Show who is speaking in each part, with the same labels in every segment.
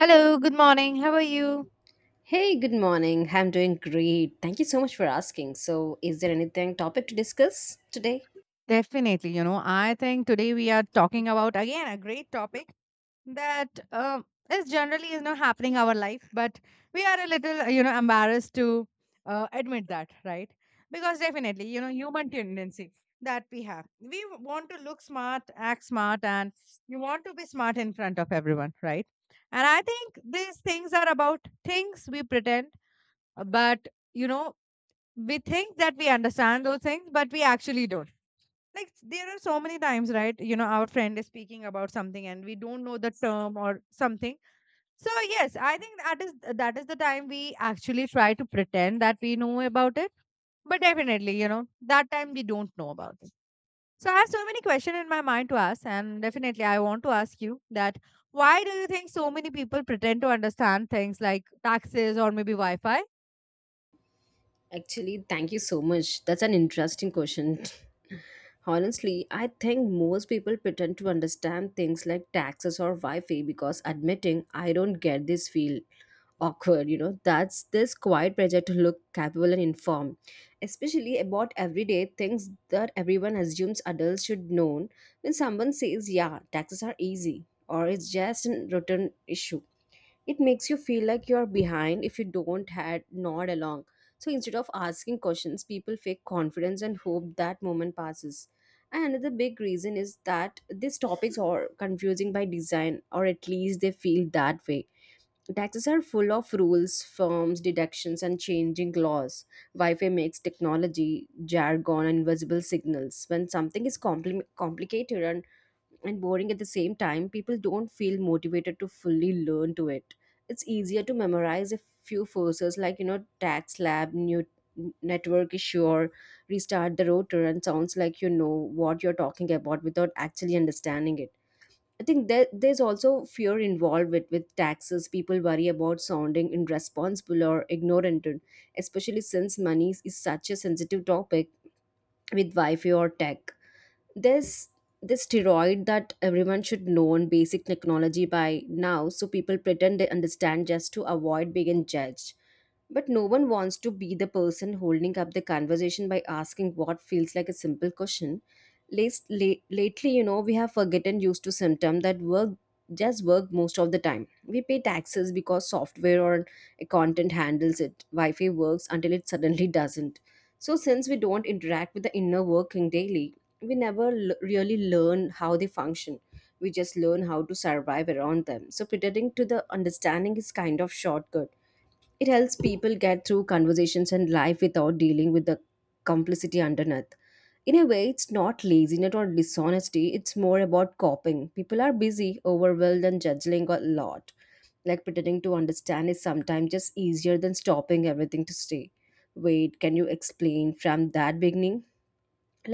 Speaker 1: Hello, good morning. How are you?
Speaker 2: Hey, good morning. I'm doing great. Thank you so much for asking. So, is there anything topic to discuss today?
Speaker 1: Definitely, you know, I think today we are talking about again a great topic that is generally is not happening our life, but we are a little, you know, embarrassed to admit that, right? Because definitely, you know, human tendency that we have, we want to look smart, act smart, and you want to be smart in front of everyone, right? And I think these things are about things we pretend, but you know we think that we understand those things, but we actually don't. Like there are so many times, right? You know, our friend is speaking about something and we don't know the term or something. So yes, I think that is the time we actually try to pretend that we know about it. But definitely, you know, that time we don't know about it. So I have so many questions in my mind to ask, and definitely I want to ask you that why do you think so many people pretend to understand things like taxes or maybe Wi-Fi.
Speaker 2: Actually, thank you so much. That's an interesting question. Honestly, I think most people pretend to understand things like taxes or Wi Fi because admitting I don't get this feel awkward, you know, that's this quiet pressure to look capable and informed, especially about everyday things that everyone assumes adults should know. When someone says yeah taxes are easy or it's just a routine issue, it makes you feel like you're behind if you don't had nod along, so instead of asking questions people fake confidence and hope that moment passes. And another big reason is that these topics are confusing by design, or at least they feel that way. Taxes are full of rules, firms, deductions, and changing laws. Wi Fi makes technology, jargon, and invisible signals. When something is complicated and boring at the same time, people don't feel motivated to fully learn to it. It's easier to memorize a few forces like, you know, tax lab, new network issue, or restart the router, and sounds like you know what you're talking about without actually understanding it. I think there's also fear involved with taxes. People worry about sounding irresponsible or ignorant, especially since money is such a sensitive topic with Wi-Fi or tech. There's this steroid that everyone should know on basic technology by now, so people pretend they understand just to avoid being judged. But no one wants to be the person holding up the conversation by asking what feels like a simple question. Lately, you know, we have forgotten used to symptom that work just work most of the time. We pay taxes because software or a content handles it. Wi-Fi works until it suddenly doesn't. So since we don't interact with the inner working daily, we never really learn how they function. We just learn how to survive around them. So pretending to the understanding is kind of shortcut, it helps people get through conversations and life without dealing with the complicity underneath. In a way, it's not laziness or dishonesty, it's more about coping. People are busy, overwhelmed, and judging a lot. Like pretending to understand is sometimes just easier than stopping everything to say, wait, can you explain from that beginning?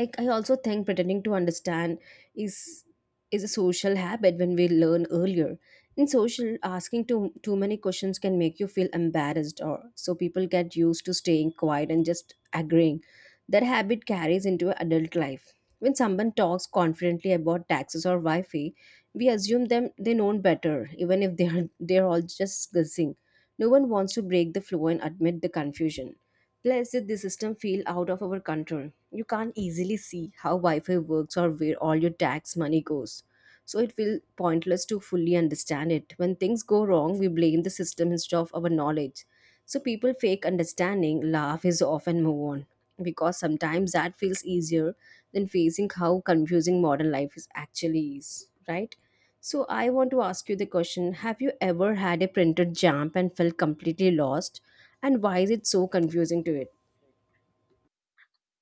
Speaker 2: Like I also think pretending to understand is is a social habit. When we learn earlier in social, asking too many questions can make you feel embarrassed, or so people get used to staying quiet and just agreeing. That habit carries into adult life. When someone talks confidently about taxes or Wi-Fi, we assume them they know better, even if they're all just guessing. No one wants to break the flow and admit the confusion. Plus the system feel out of our control. You can't easily see how Wi-Fi works or where all your tax money goes. So it will pointless to fully understand it. When things go wrong, we blame the system instead of our knowledge. So people fake understanding, laugh is off and move on, because sometimes that feels easier than facing how confusing modern life is actually is, right? So I want to ask you the question, have you ever had a printed jump and felt completely lost? And why is it so confusing to it?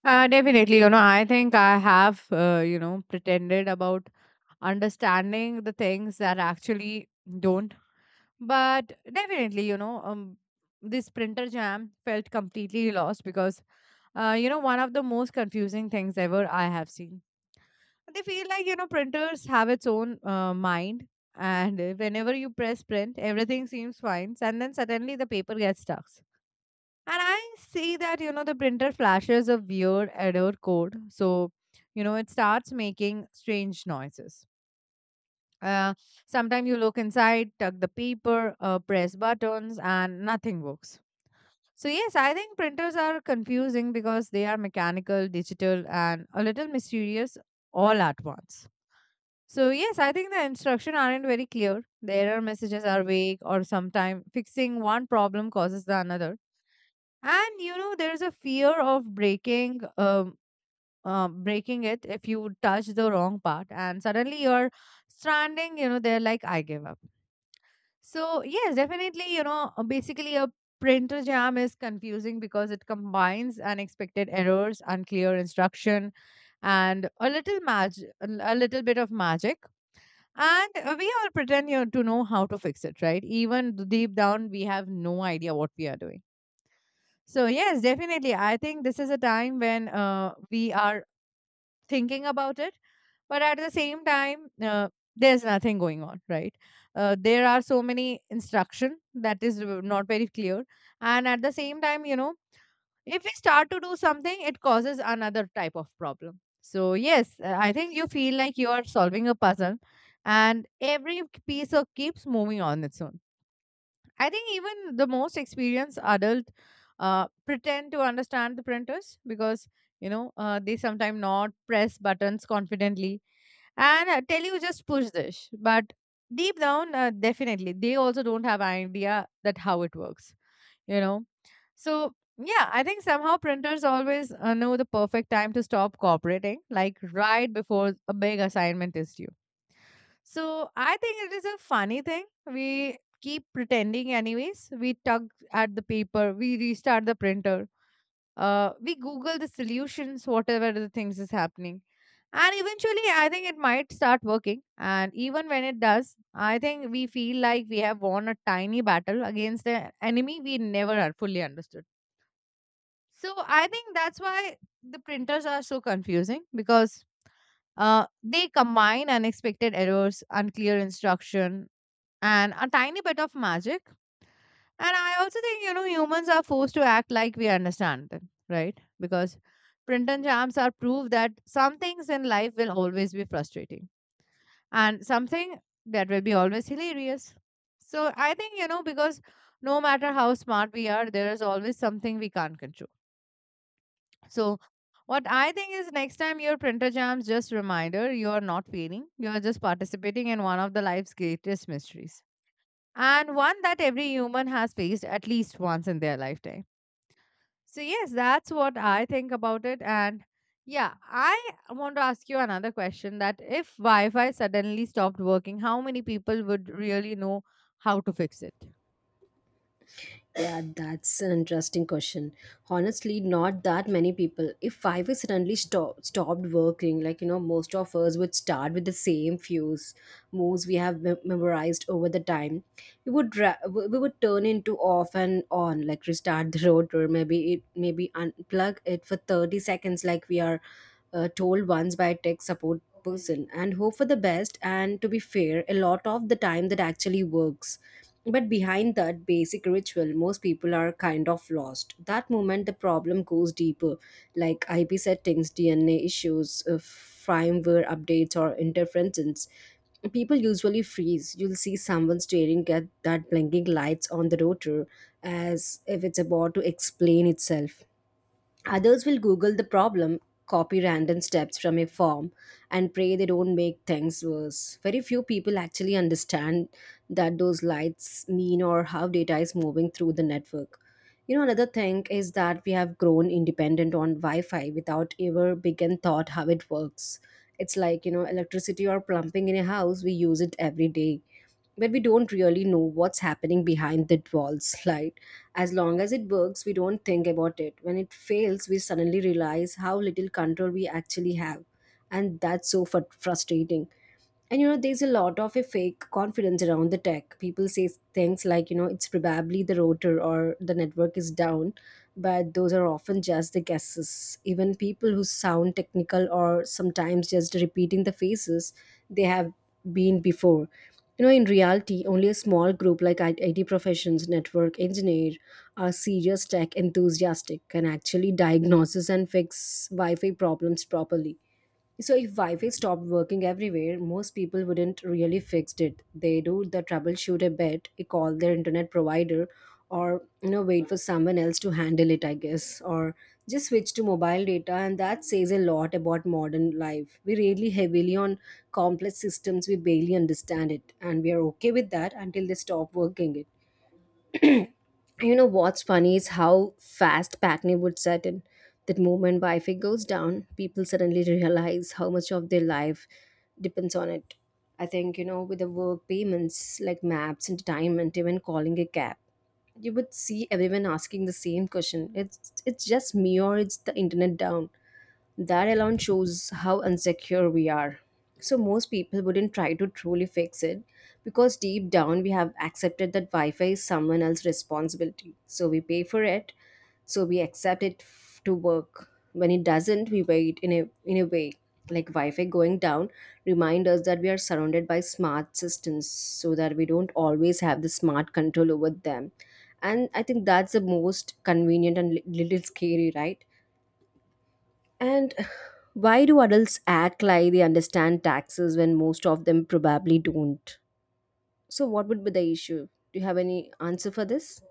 Speaker 1: Definitely, you know, I think I have, you know, pretended about understanding the things that actually don't. But definitely, you know, this printer jam felt completely lost because, you know, one of the most confusing things ever I have seen. They feel like, you know, printers have its own mind. And whenever you press print, everything seems fine. And then suddenly the paper gets stuck. And I see that, you know, the printer flashes a weird error code. So, you know, it starts making strange noises. Uh, sometimes you look inside, tuck the paper, press buttons, and nothing works. So, yes, I think printers are confusing because they are mechanical, digital, and a little mysterious all at once. So, yes, I think the instructions aren't very clear. The error messages are vague, or sometimes fixing one problem causes the another, and you know there's a fear of breaking it if you touch the wrong part, and suddenly you're stranding, you know, they're like I give up. So yes, definitely, you know, basically a printer jam is confusing because it combines unexpected errors, unclear instruction, and a a little bit of magic. And we all pretend, you know, to know how to fix it, right? Even deep down we have no idea what we are doing. So yes, definitely. I think this is a time when we are thinking about it, but at the same time, there's nothing going on, right? There are so many instruction that is not very clear, and at the same time, you know, if we start to do something, it causes another type of problem. So yes, I think you feel like you are solving a puzzle, and every piece of keeps moving on its own. I think even the most experienced adult pretend to understand the printers because you know they sometimes not press buttons confidently and tell you just push this. But deep down, definitely they also don't have idea that how it works. You know, so yeah, I think somehow printers always know the perfect time to stop cooperating, like right before a big assignment is due. So I think it is a funny thing. We keep pretending, anyways. We tug at the paper, we restart the printer, we Google the solutions, whatever the things is happening. And eventually, I think it might start working. And even when it does, I think we feel like we have won a tiny battle against an enemy we never are fully understood. So I think that's why the printers are so confusing because they combine unexpected errors, unclear instruction, and a tiny bit of magic. And I also think, you know, humans are forced to act like we understand them, right? Because print and jams are proof that some things in life will always be frustrating and something that will be always hilarious. So I think, you know, because no matter how smart we are, there is always something we can't control. So what I think is next time your printer jams, just reminder you are not failing. You are just participating in one of the life's greatest mysteries. And one that every human has faced at least once in their lifetime. So, yes, that's what I think about it. And yeah, I want to ask you another question that if Wi Fi suddenly stopped working, how many people would really know how to fix it?
Speaker 2: Yeah, that's an interesting question. Honestly, not that many people. If I was suddenly stopped working, like, you know, most of us would start with the same fuse moves we have memorized over the time. We would we would turn into off and on, like restart the rotor, maybe it maybe unplug it for 30 seconds like we are told once by a tech support person and hope for the best. And to be fair, a lot of the time that actually works, but behind that basic ritual, most people are kind of lost. That moment, the problem goes deeper, like IP settings, DNA issues, firmware updates, or interferences. People usually freeze. You'll see someone staring at that blinking lights on the router as if it's about to explain itself. Others will Google the problem, copy random steps from a form, and pray they don't make things worse. Very few people actually understand that those lights mean or how data is moving through the network. You know, another thing is that we have grown independent on Wi Fi without ever begin thought how it works. It's like, you know, electricity or plumbing in a house, we use it every day. But we don't really know what's happening behind the walls, right? As long as it works, we don't think about it. When it fails, we suddenly realize how little control we actually have. And that's so frustrating. And you know, there's a lot of a fake confidence around the tech. People say things like, you know, it's probably the router or the network is down, but those are often just the guesses. Even people who sound technical or sometimes just repeating the phases they have been before. You know, in reality, only a small group like IT professions, network engineer, are serious tech enthusiastic can actually diagnose and fix Wi-Fi problems properly. So if Wi-Fi stopped working everywhere, most people wouldn't really fix it. They do the troubleshoot a bit, they call their internet provider, or, you know, wait for someone else to handle it, I guess, or just switch to mobile data, and that says a lot about modern life. We really heavily on complex systems we barely understand it, and we are okay with that until they stop working it. You know what's funny is how fast packing would set in. That moment Wi Fi goes down, people suddenly realize how much of their life depends on it. I think, you know, with the work payments like maps, entertainment, even calling a cab, you would see everyone asking the same question. It's just me or it's the internet down. That alone shows how insecure we are. So, most people wouldn't try to truly fix it, because deep down we have accepted that Wi Fi is someone else's responsibility. So, we pay for it, so we accept it to work. When it doesn't, we wait in a way. Like Wi Fi going down remind us that we are surrounded by smart systems so that we don't always have the smart control over them. And I think that's the most convenient and little scary, right? And why do adults act like they understand taxes when most of them probably don't? So, what would be the issue? Do you have any answer for this?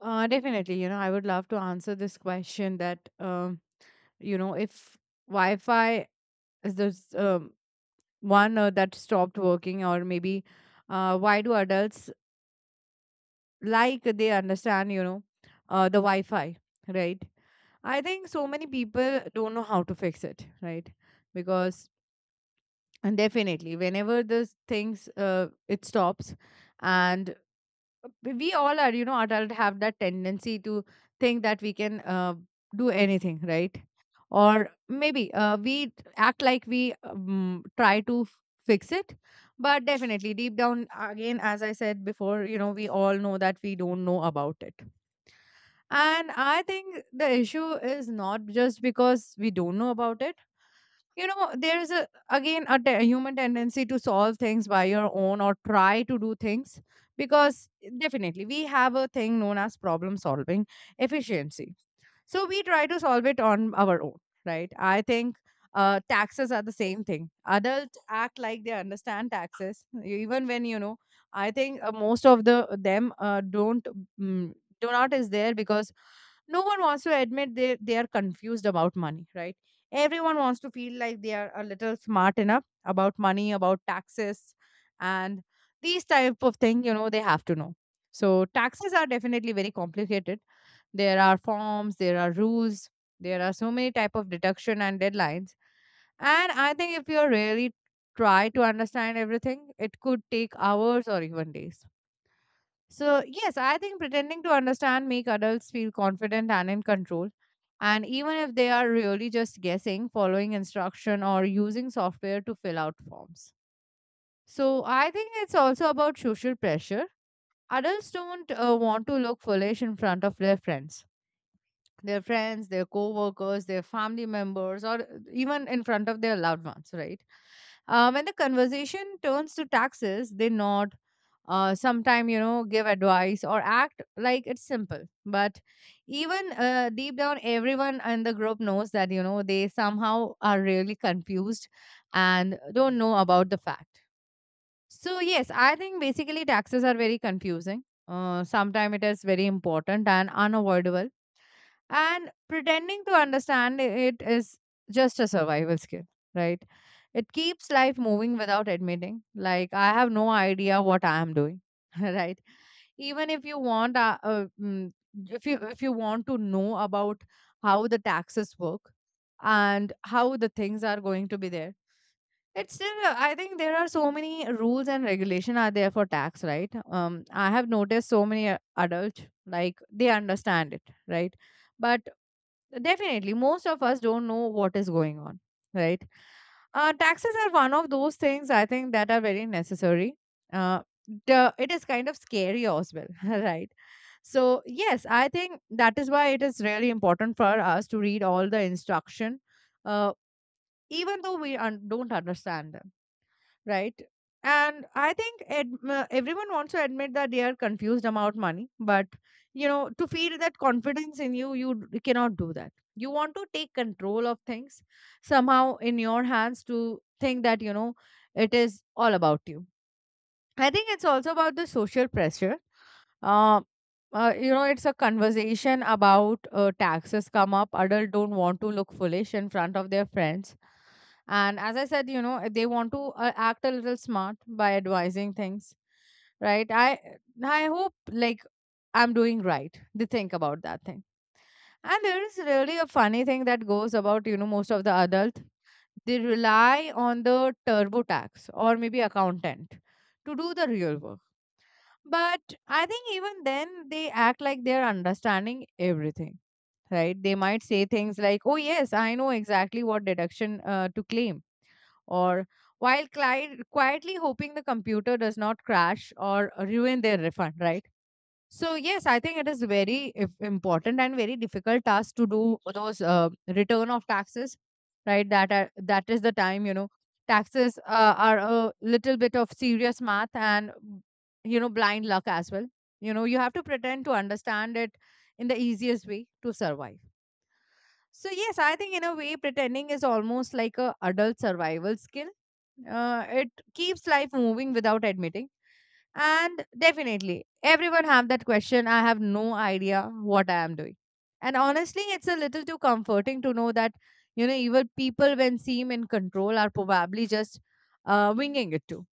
Speaker 1: Definitely, you know, I would love to answer this question that, you know, if Wi Fi is this, one that stopped working, or maybe why do adults like they understand, you know, the Wi-Fi, right? I think so many people don't know how to fix it, right? Because, and definitely whenever this things it stops, and we all are, you know, adult have that tendency to think that we can do anything, right? Or maybe act like we try to fix it. But definitely deep down, again, as I said before, you know, we all know that we don't know about it. And I think the issue is not just because we don't know about it. You know, there is a, again, a human tendency to solve things by your own or try to do things, because definitely we have a thing known as problem solving efficiency. So we try to solve it on our own, right? I think taxes are the same thing. Adults act like they understand taxes, even when you know. I think most of the them don't. Mm, do not is there because no one wants to admit they are confused about money, right? Everyone wants to feel like they are a little smart enough about money, about taxes, and these type of thing. You know, they have to know. So taxes are definitely very complicated. There are forms, there are rules, there are so many type of deduction and deadlines. And I think if you really try to understand everything, it could take hours or even days. So, yes, I think pretending to understand make adults feel confident and in control. And even if they are really just guessing, following instruction or using software to fill out forms. So, I think it's also about social pressure. Adults don't want to look foolish in front of their friends, their co-workers, their family members, or even in front of their loved ones, right? When the conversation turns to taxes, they nod, sometime, you know, give advice or act like it's simple. But even deep down, everyone in the group knows that, you know, they somehow are really confused and don't know about the fact. So, yes, I think basically taxes are very confusing. Sometimes it is very important and unavoidable, and pretending to understand it is just a survival skill, right? It keeps life moving without admitting, like, I have no idea what I am doing, right? Even if you want, if you want to know about how the taxes work and how the things are going to be there, it's still. Uh, I think there are so many rules and regulation are there for tax, right? I have noticed so many adults like they understand it, right? But definitely, most of us don't know what is going on, right? Taxes are one of those things I think that are very necessary. Uh, the, it is kind of scary as well, right? So yes, I think that is why it is really important for us to read all the instruction, uh, even though we don't understand them, right? And I think everyone wants to admit that they are confused about money, but you know, to feel that confidence in you, you cannot do that. You want to take control of things somehow in your hands to think that you know it is all about you. I think it's also about the social pressure, uh, you know, it's a conversation about taxes come up, adult don't want to look foolish in front of their friends. And as I said, you know, they want to act a little smart by advising things, right? I hope like I'm doing right, they think about that thing. And there is really a funny thing that goes about, you know, most of the adult, they rely on the TurboTax or maybe accountant to do the real work. But I think even then they act like they're understanding everything, right? They might say things like, oh, yes, I know exactly what deduction to claim, or quietly hoping the computer does not crash or ruin their refund, right? So yes, I think it is very if important and very difficult task to do those return of taxes, right? That is the time, you know, taxes are a little bit of serious math and you know, blind luck as well. You know you have to pretend to understand it in the easiest way to survive. So yes, I think in a way, pretending is almost like a adult survival skill. It keeps life moving without admitting. And definitely, everyone have that question. I have no idea what I am doing. And honestly, it's a little too comforting to know that you know even people when seem in control are probably just winging it too.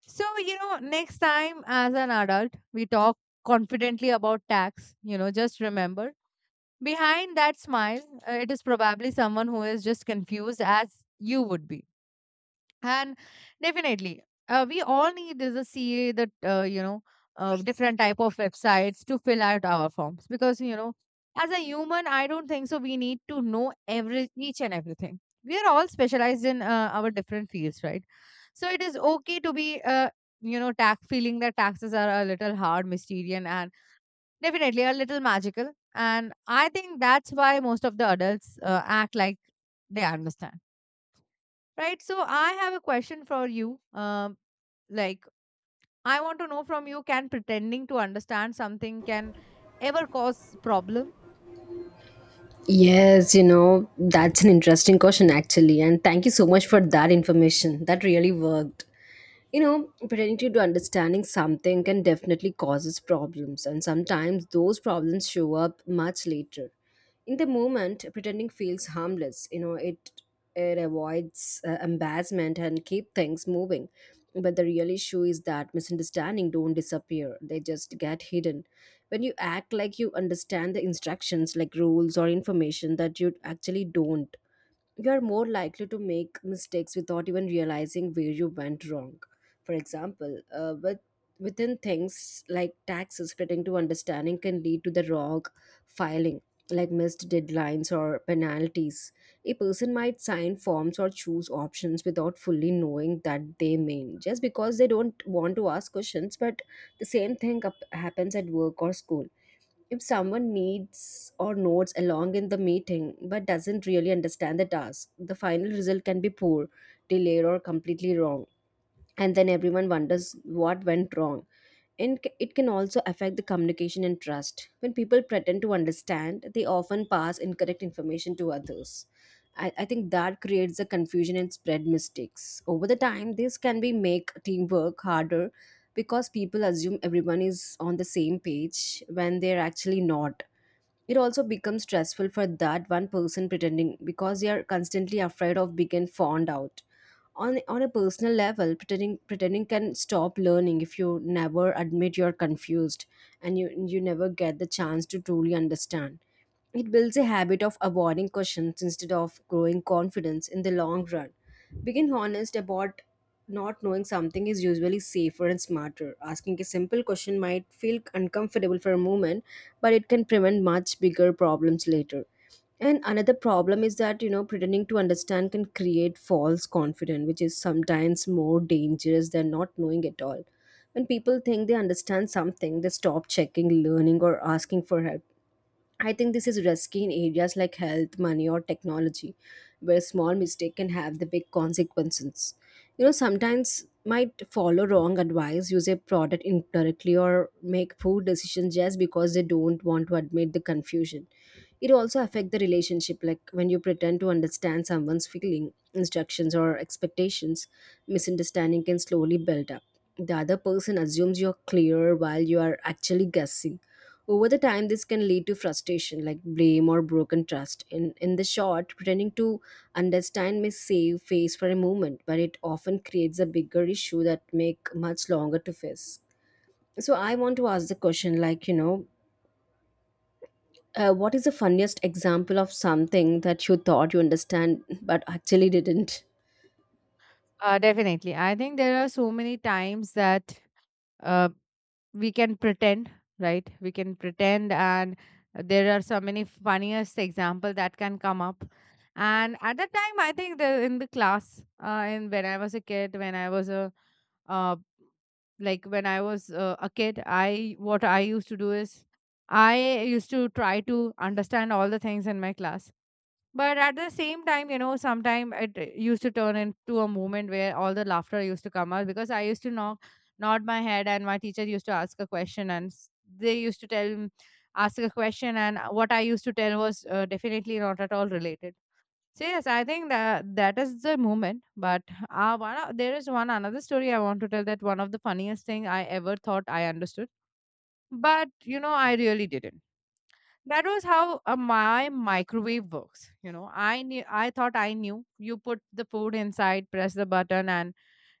Speaker 1: So, you know, next time as an adult, we talk confidently about tax. You know, just remember, behind that smile, it is probably someone who is just confused as you would be. And definitely, we all need is a C A that, different type of websites to fill out our forms because, you know, as a human, I don't think so. We need to know every each and everything. We are all specialized in our different fields, right? So it is okay to be, tax feeling that taxes are a little hard, mysterious, and definitely, a little magical. And I think that's why most of the adults act like they understand, right? So I have a question for you. Like, I want to know from you: can pretending to understand something can ever cause problem?
Speaker 2: Yes, you know, that's an interesting question actually. And thank you so much for that information. That really worked. You know, pretending to understanding something can definitely causes problems, and sometimes those problems show up much later. In the moment pretending feels harmless, you know, it avoids embarrassment and keep things moving, but the real issue is that misunderstanding don't disappear, they just get hidden. When you act like you understand the instructions like rules or information that you actually don't, you're more likely to make mistakes without even realizing where you went wrong. For example, within things like taxes, fitting to understanding can lead to the wrong filing, like missed deadlines or penalties. A person might sign forms or choose options without fully knowing that they mean, just because they don't want to ask questions. But the same thing up happens at work or school. If someone needs or nods along in the meeting but doesn't really understand the task, the final result can be poor, delayed, or completely wrong. And then everyone wonders what went wrong. And it can also affect the communication and trust. When people pretend to understand, they often pass incorrect information to others. I think that creates a confusion and spread mistakes. Over the time, this can be make teamwork harder, because people assume everyone is on the same page when they're actually not. It also becomes stressful for that one person pretending, because they are constantly afraid of being found out. On a personal level, pretending can stop learning. If you never admit you're confused, and you never get the chance to truly understand, it builds a habit of avoiding questions instead of growing confidence. In the long run, being honest about not knowing something is usually safer and smarter. Asking a simple question might feel uncomfortable for a moment, but it can prevent much bigger problems later. And another problem is that, you know, pretending to understand can create false confidence, which is sometimes more dangerous than not knowing at all. When people think they understand something, they stop checking, learning, or asking for help. I think this is risky in areas like health, money, or technology, where a small mistake can have the big consequences. You know, sometimes might follow wrong advice, use a product incorrectly, or make poor decisions just because they don't want to admit the confusion. It also affect the relationship, like when you pretend to understand someone's feeling, instructions, or expectations, misunderstanding can slowly build up. The other person assumes you're clear while you are actually guessing over the time, this can lead to frustration, like blame or broken trust. In the short, pretending to understand may save face for a moment, but it often creates a bigger issue that make much longer to face. So I want to ask the question, like what is the funniest example of something that you thought you understand but actually didn't?
Speaker 1: Definitely. I think there are so many times that uh, we can pretend, right? We can pretend, and there are so many funniest example that can come up. And at that time I think the in the class in when I was a kid when I was a uh, like when I was a kid, I what I used to do is I used to try to understand all the things in my class. But at the same time, you know, sometimes it used to turn into a moment where all the laughter used to come out because I used to knock, nod my head, and my teacher used to ask a question, and s- they used to tell, m- ask a question, and what I used to tell was definitely not at all related. So yes, I think that is the moment. But there is one another story I want to tell that one of the funniest thing I ever thought I understood, but you know, I really didn't. That was how my microwave works. You know I knew, I thought I knew, you put the food inside, press the button, and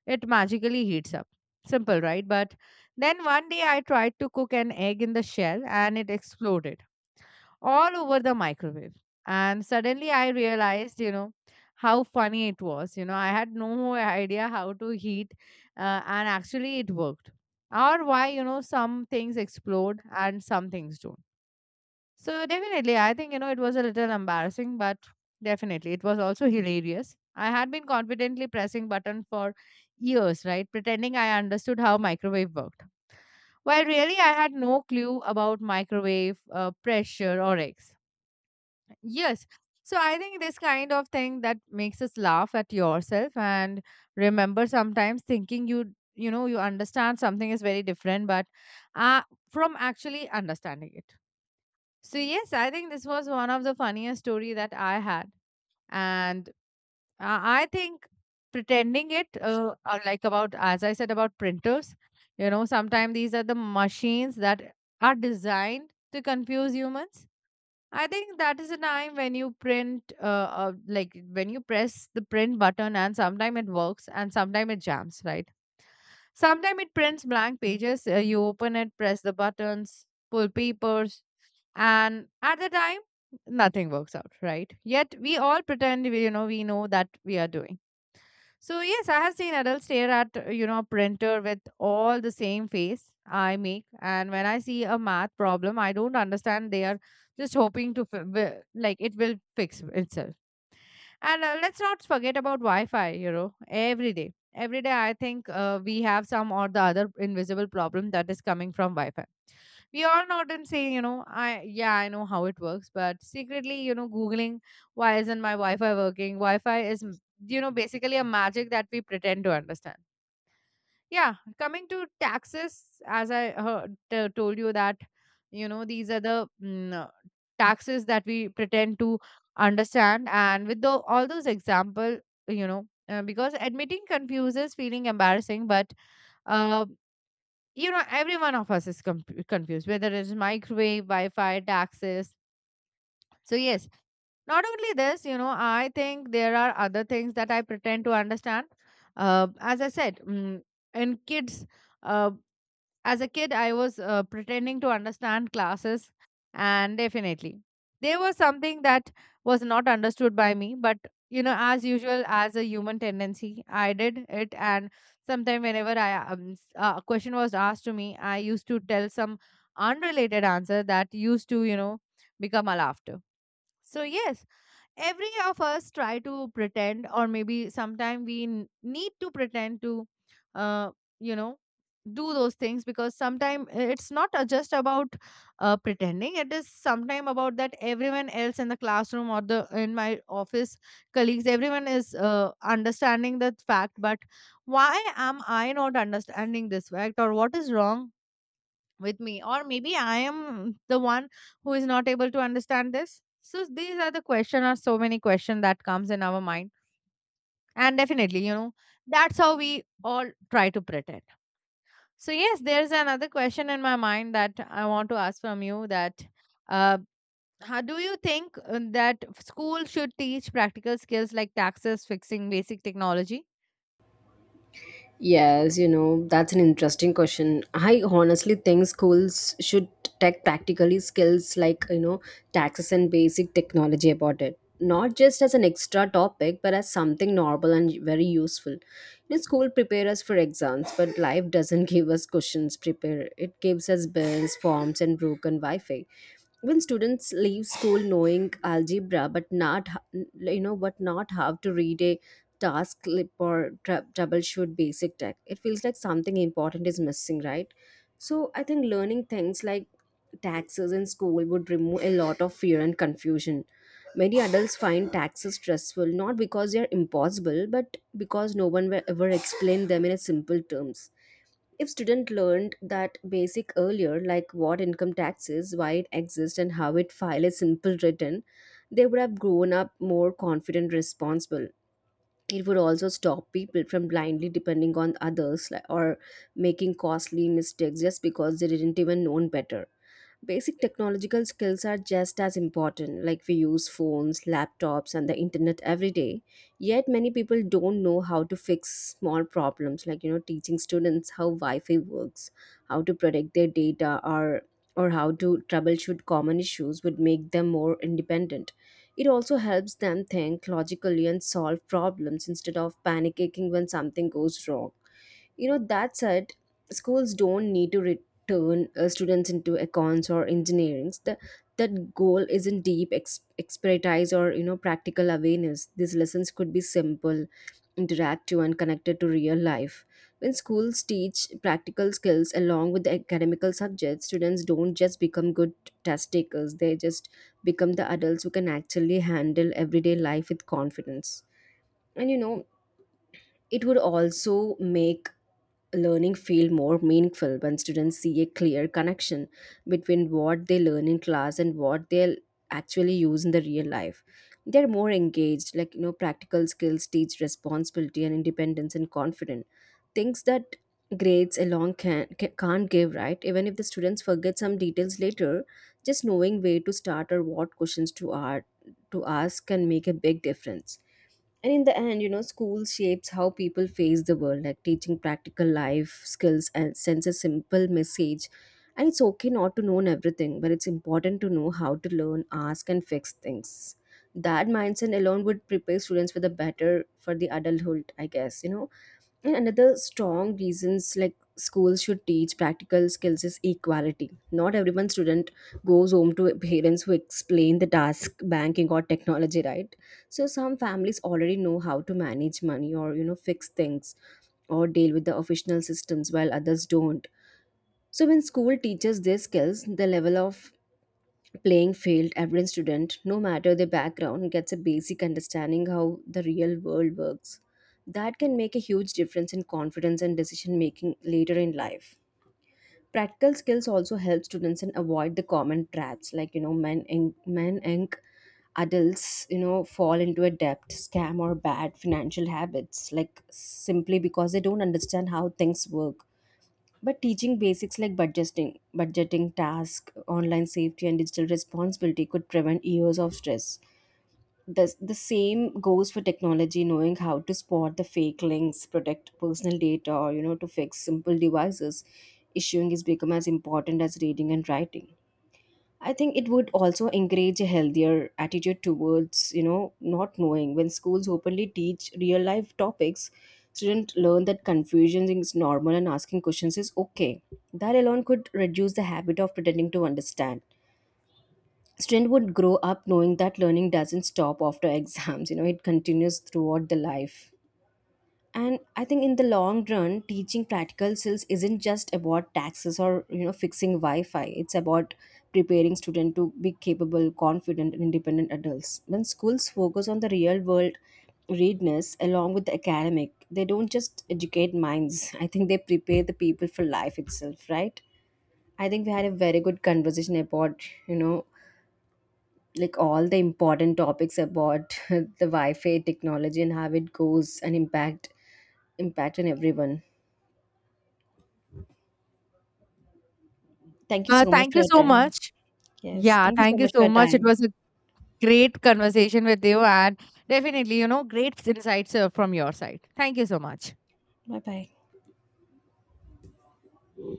Speaker 1: it magically heats up. Simple, right? But then one day I tried to cook an egg in the shell, and it exploded all over the microwave. And suddenly I realized you know how funny it was. You know I had no idea how to heat and actually it worked, or why you know some things explode and some things don't. So definitely, I think you know it was a little embarrassing, but definitely it was also hilarious. I had been confidently pressing button for years, right, pretending I understood how microwave worked. While really, I had no clue about microwave pressure or eggs. Yes. So I think this kind of thing that makes us laugh at yourself and remember, sometimes thinking you you know you understand something is very different, but uh, from actually understanding it. So yes, I think this was one of the funniest story that I had, and I think pretending it, like about, as I said, about printers, you know, sometimes these are the machines that are designed to confuse humans. I think that is a time when you print, like when you press the print button, and sometimes it works and sometimes it jams, right? Sometimes it prints blank pages. You open it, press the buttons, pull papers, and at the time, nothing works out, right? Yet we all pretend, you know, we know that we are doing. So yes, I have seen adults stare at a printer with all the same face I make, and when I see a math problem, I don't understand. They are just hoping to like it will fix itself. And let's not forget about Wi-Fi, you know, every day. Every day, I think we have some or the other invisible problem that is coming from Wi-Fi. We all know and say, you know, I yeah, I know how it works, but secretly, you know, googling, why isn't my Wi-Fi working? You know, basically a magic that we pretend to understand. Yeah, coming to taxes, as I heard, told you that, you know, these are the taxes that we pretend to understand. And with the, all those example, you know, because admitting confuses, feeling embarrassing, but, uh, you know, every one of us is confused, whether it's microwave, Wi-Fi, taxes. So yes, not only this. You know I think there are other things that I pretend to understand. As I said, mm in kids uh, as a kid, I was pretending to understand classes, and definitely there was something that was not understood by me. But you know, as usual, as a human tendency, I did it, and sometime whenever I a question was asked to me, I used to tell some unrelated answer that used to, you know, become a laughter. So yes, every of us try to pretend, or maybe sometime we need to pretend to uh, you know do those things because sometimes it's not just about pretending. It is sometimes about that everyone else in the classroom or the in my office colleagues, everyone is understanding the fact. But why am I not understanding this fact, or what is wrong with me, or maybe I am the one who is not able to understand this? So these are the question, or so many question that comes in our mind. And definitely, you know, that's how we all try to pretend. So yes, there's another question in my mind that I want to ask from you, that uh, how do you think that school should teach practical skills like taxes, fixing basic technology.
Speaker 2: Yes, you know, that's an interesting question. I honestly think schools should take practically skills like, you know, taxes and basic technology about it. Not just as an extra topic, but as something normal and very useful. You know, school prepare us for exams, but life doesn't give us questions prepare. It gives us bills, forms, and broken Wi-Fi when students leave school knowing algebra but not h- you know but not how to read a task clip or troubleshoot basic tech. It feels like something important is missing, right? So I think learning things like taxes in school would remove a lot of fear and confusion. Many adults find taxes stressful not because they are impossible but because no one will ever explain them in a simple terms. If student learned that basic earlier, like what income tax is, why it exists, and how it file is simple written, they would have grown up more confident, responsible. It would also stop people from blindly depending on others like- or making costly mistakes just because they didn't even know better. Basic technological skills are just as important, like we use phones, laptops and the internet every day, yet many people don't know how to fix small problems. Like, you know, teaching students how Wi-Fi works, how to protect their data, or how to troubleshoot common issues would make them more independent. It also helps them think logically and solve problems instead of panicking when something goes wrong. You know, that said, schools don't need to return students into accounts or engineering. That goal isn't deep expertise or, you know, practical awareness. These lessons could be simple, interactive, and connected to real life. When schools teach practical skills along with the academical subjects, students don't just become good test takers. They just become the adults who can actually handle everyday life with confidence. And you know, it would also make learning feel more meaningful when students see a clear connection between what they learn in class and what they'll actually use in the real life. They're more engaged. Like, you know, practical skills teach responsibility and independence and confidence, things that grades alone can't give, right? Even if the students forget some details later, just knowing where to start or what questions to ask can make a big difference. And in the end, you know, school shapes how people face the world, like teaching practical life skills and sends a simple message. And it's okay not to know everything, but it's important to know how to learn, ask and fix things. That mindset alone would prepare students for the better for the adulthood, I guess, you know. And another strong reasons like schools should teach practical skills is equality. Not everyone student goes home to parents who explain the task, banking or technology, right? So some families already know how to manage money or, you know, fix things or deal with the official systems while others don't. So when school teaches these skills, the level of playing field, every student no matter their background gets a basic understanding how the real world works. That can make a huge difference in confidence and decision making later in life. Practical skills also help students and avoid the common traps, like, you know, men and adults, you know, fall into a debt scam or bad financial habits, like simply because they don't understand how things work. But teaching basics like budgeting, budgeting task, online safety, and digital responsibility could prevent years of stress. The same goes for technology, knowing how to spot the fake links, protect personal data, or, you know, to fix simple devices. Issuing is become as important as reading and writing. I think it would also encourage a healthier attitude towards, you know, not knowing. When schools openly teach real life topics, students learn that confusion is normal and asking questions is okay. That alone could reduce the habit of pretending to understand. Student would grow up knowing that learning doesn't stop after exams, you know, it continues throughout the life. And I think in the long run, teaching practical skills isn't just about taxes or, you know, fixing Wi-Fi. It's about preparing students to be capable, confident and independent adults. When schools focus on the real world readiness along with the academic, they don't just educate minds, I think they prepare the people for life itself, right? I think we had a very good conversation about, you know, like all the important topics about the Wi-Fi technology and how it goes and impact on everyone. Thank you so much
Speaker 1: Thank
Speaker 2: for
Speaker 1: you
Speaker 2: your
Speaker 1: so
Speaker 2: time.
Speaker 1: much.
Speaker 2: Yes,
Speaker 1: Yeah,
Speaker 2: thank you so
Speaker 1: thank you
Speaker 2: much for
Speaker 1: so
Speaker 2: your
Speaker 1: much, it
Speaker 2: time.
Speaker 1: was a great conversation with you, and definitely, you know, great insights from your side. Thank you so much.
Speaker 2: Bye bye.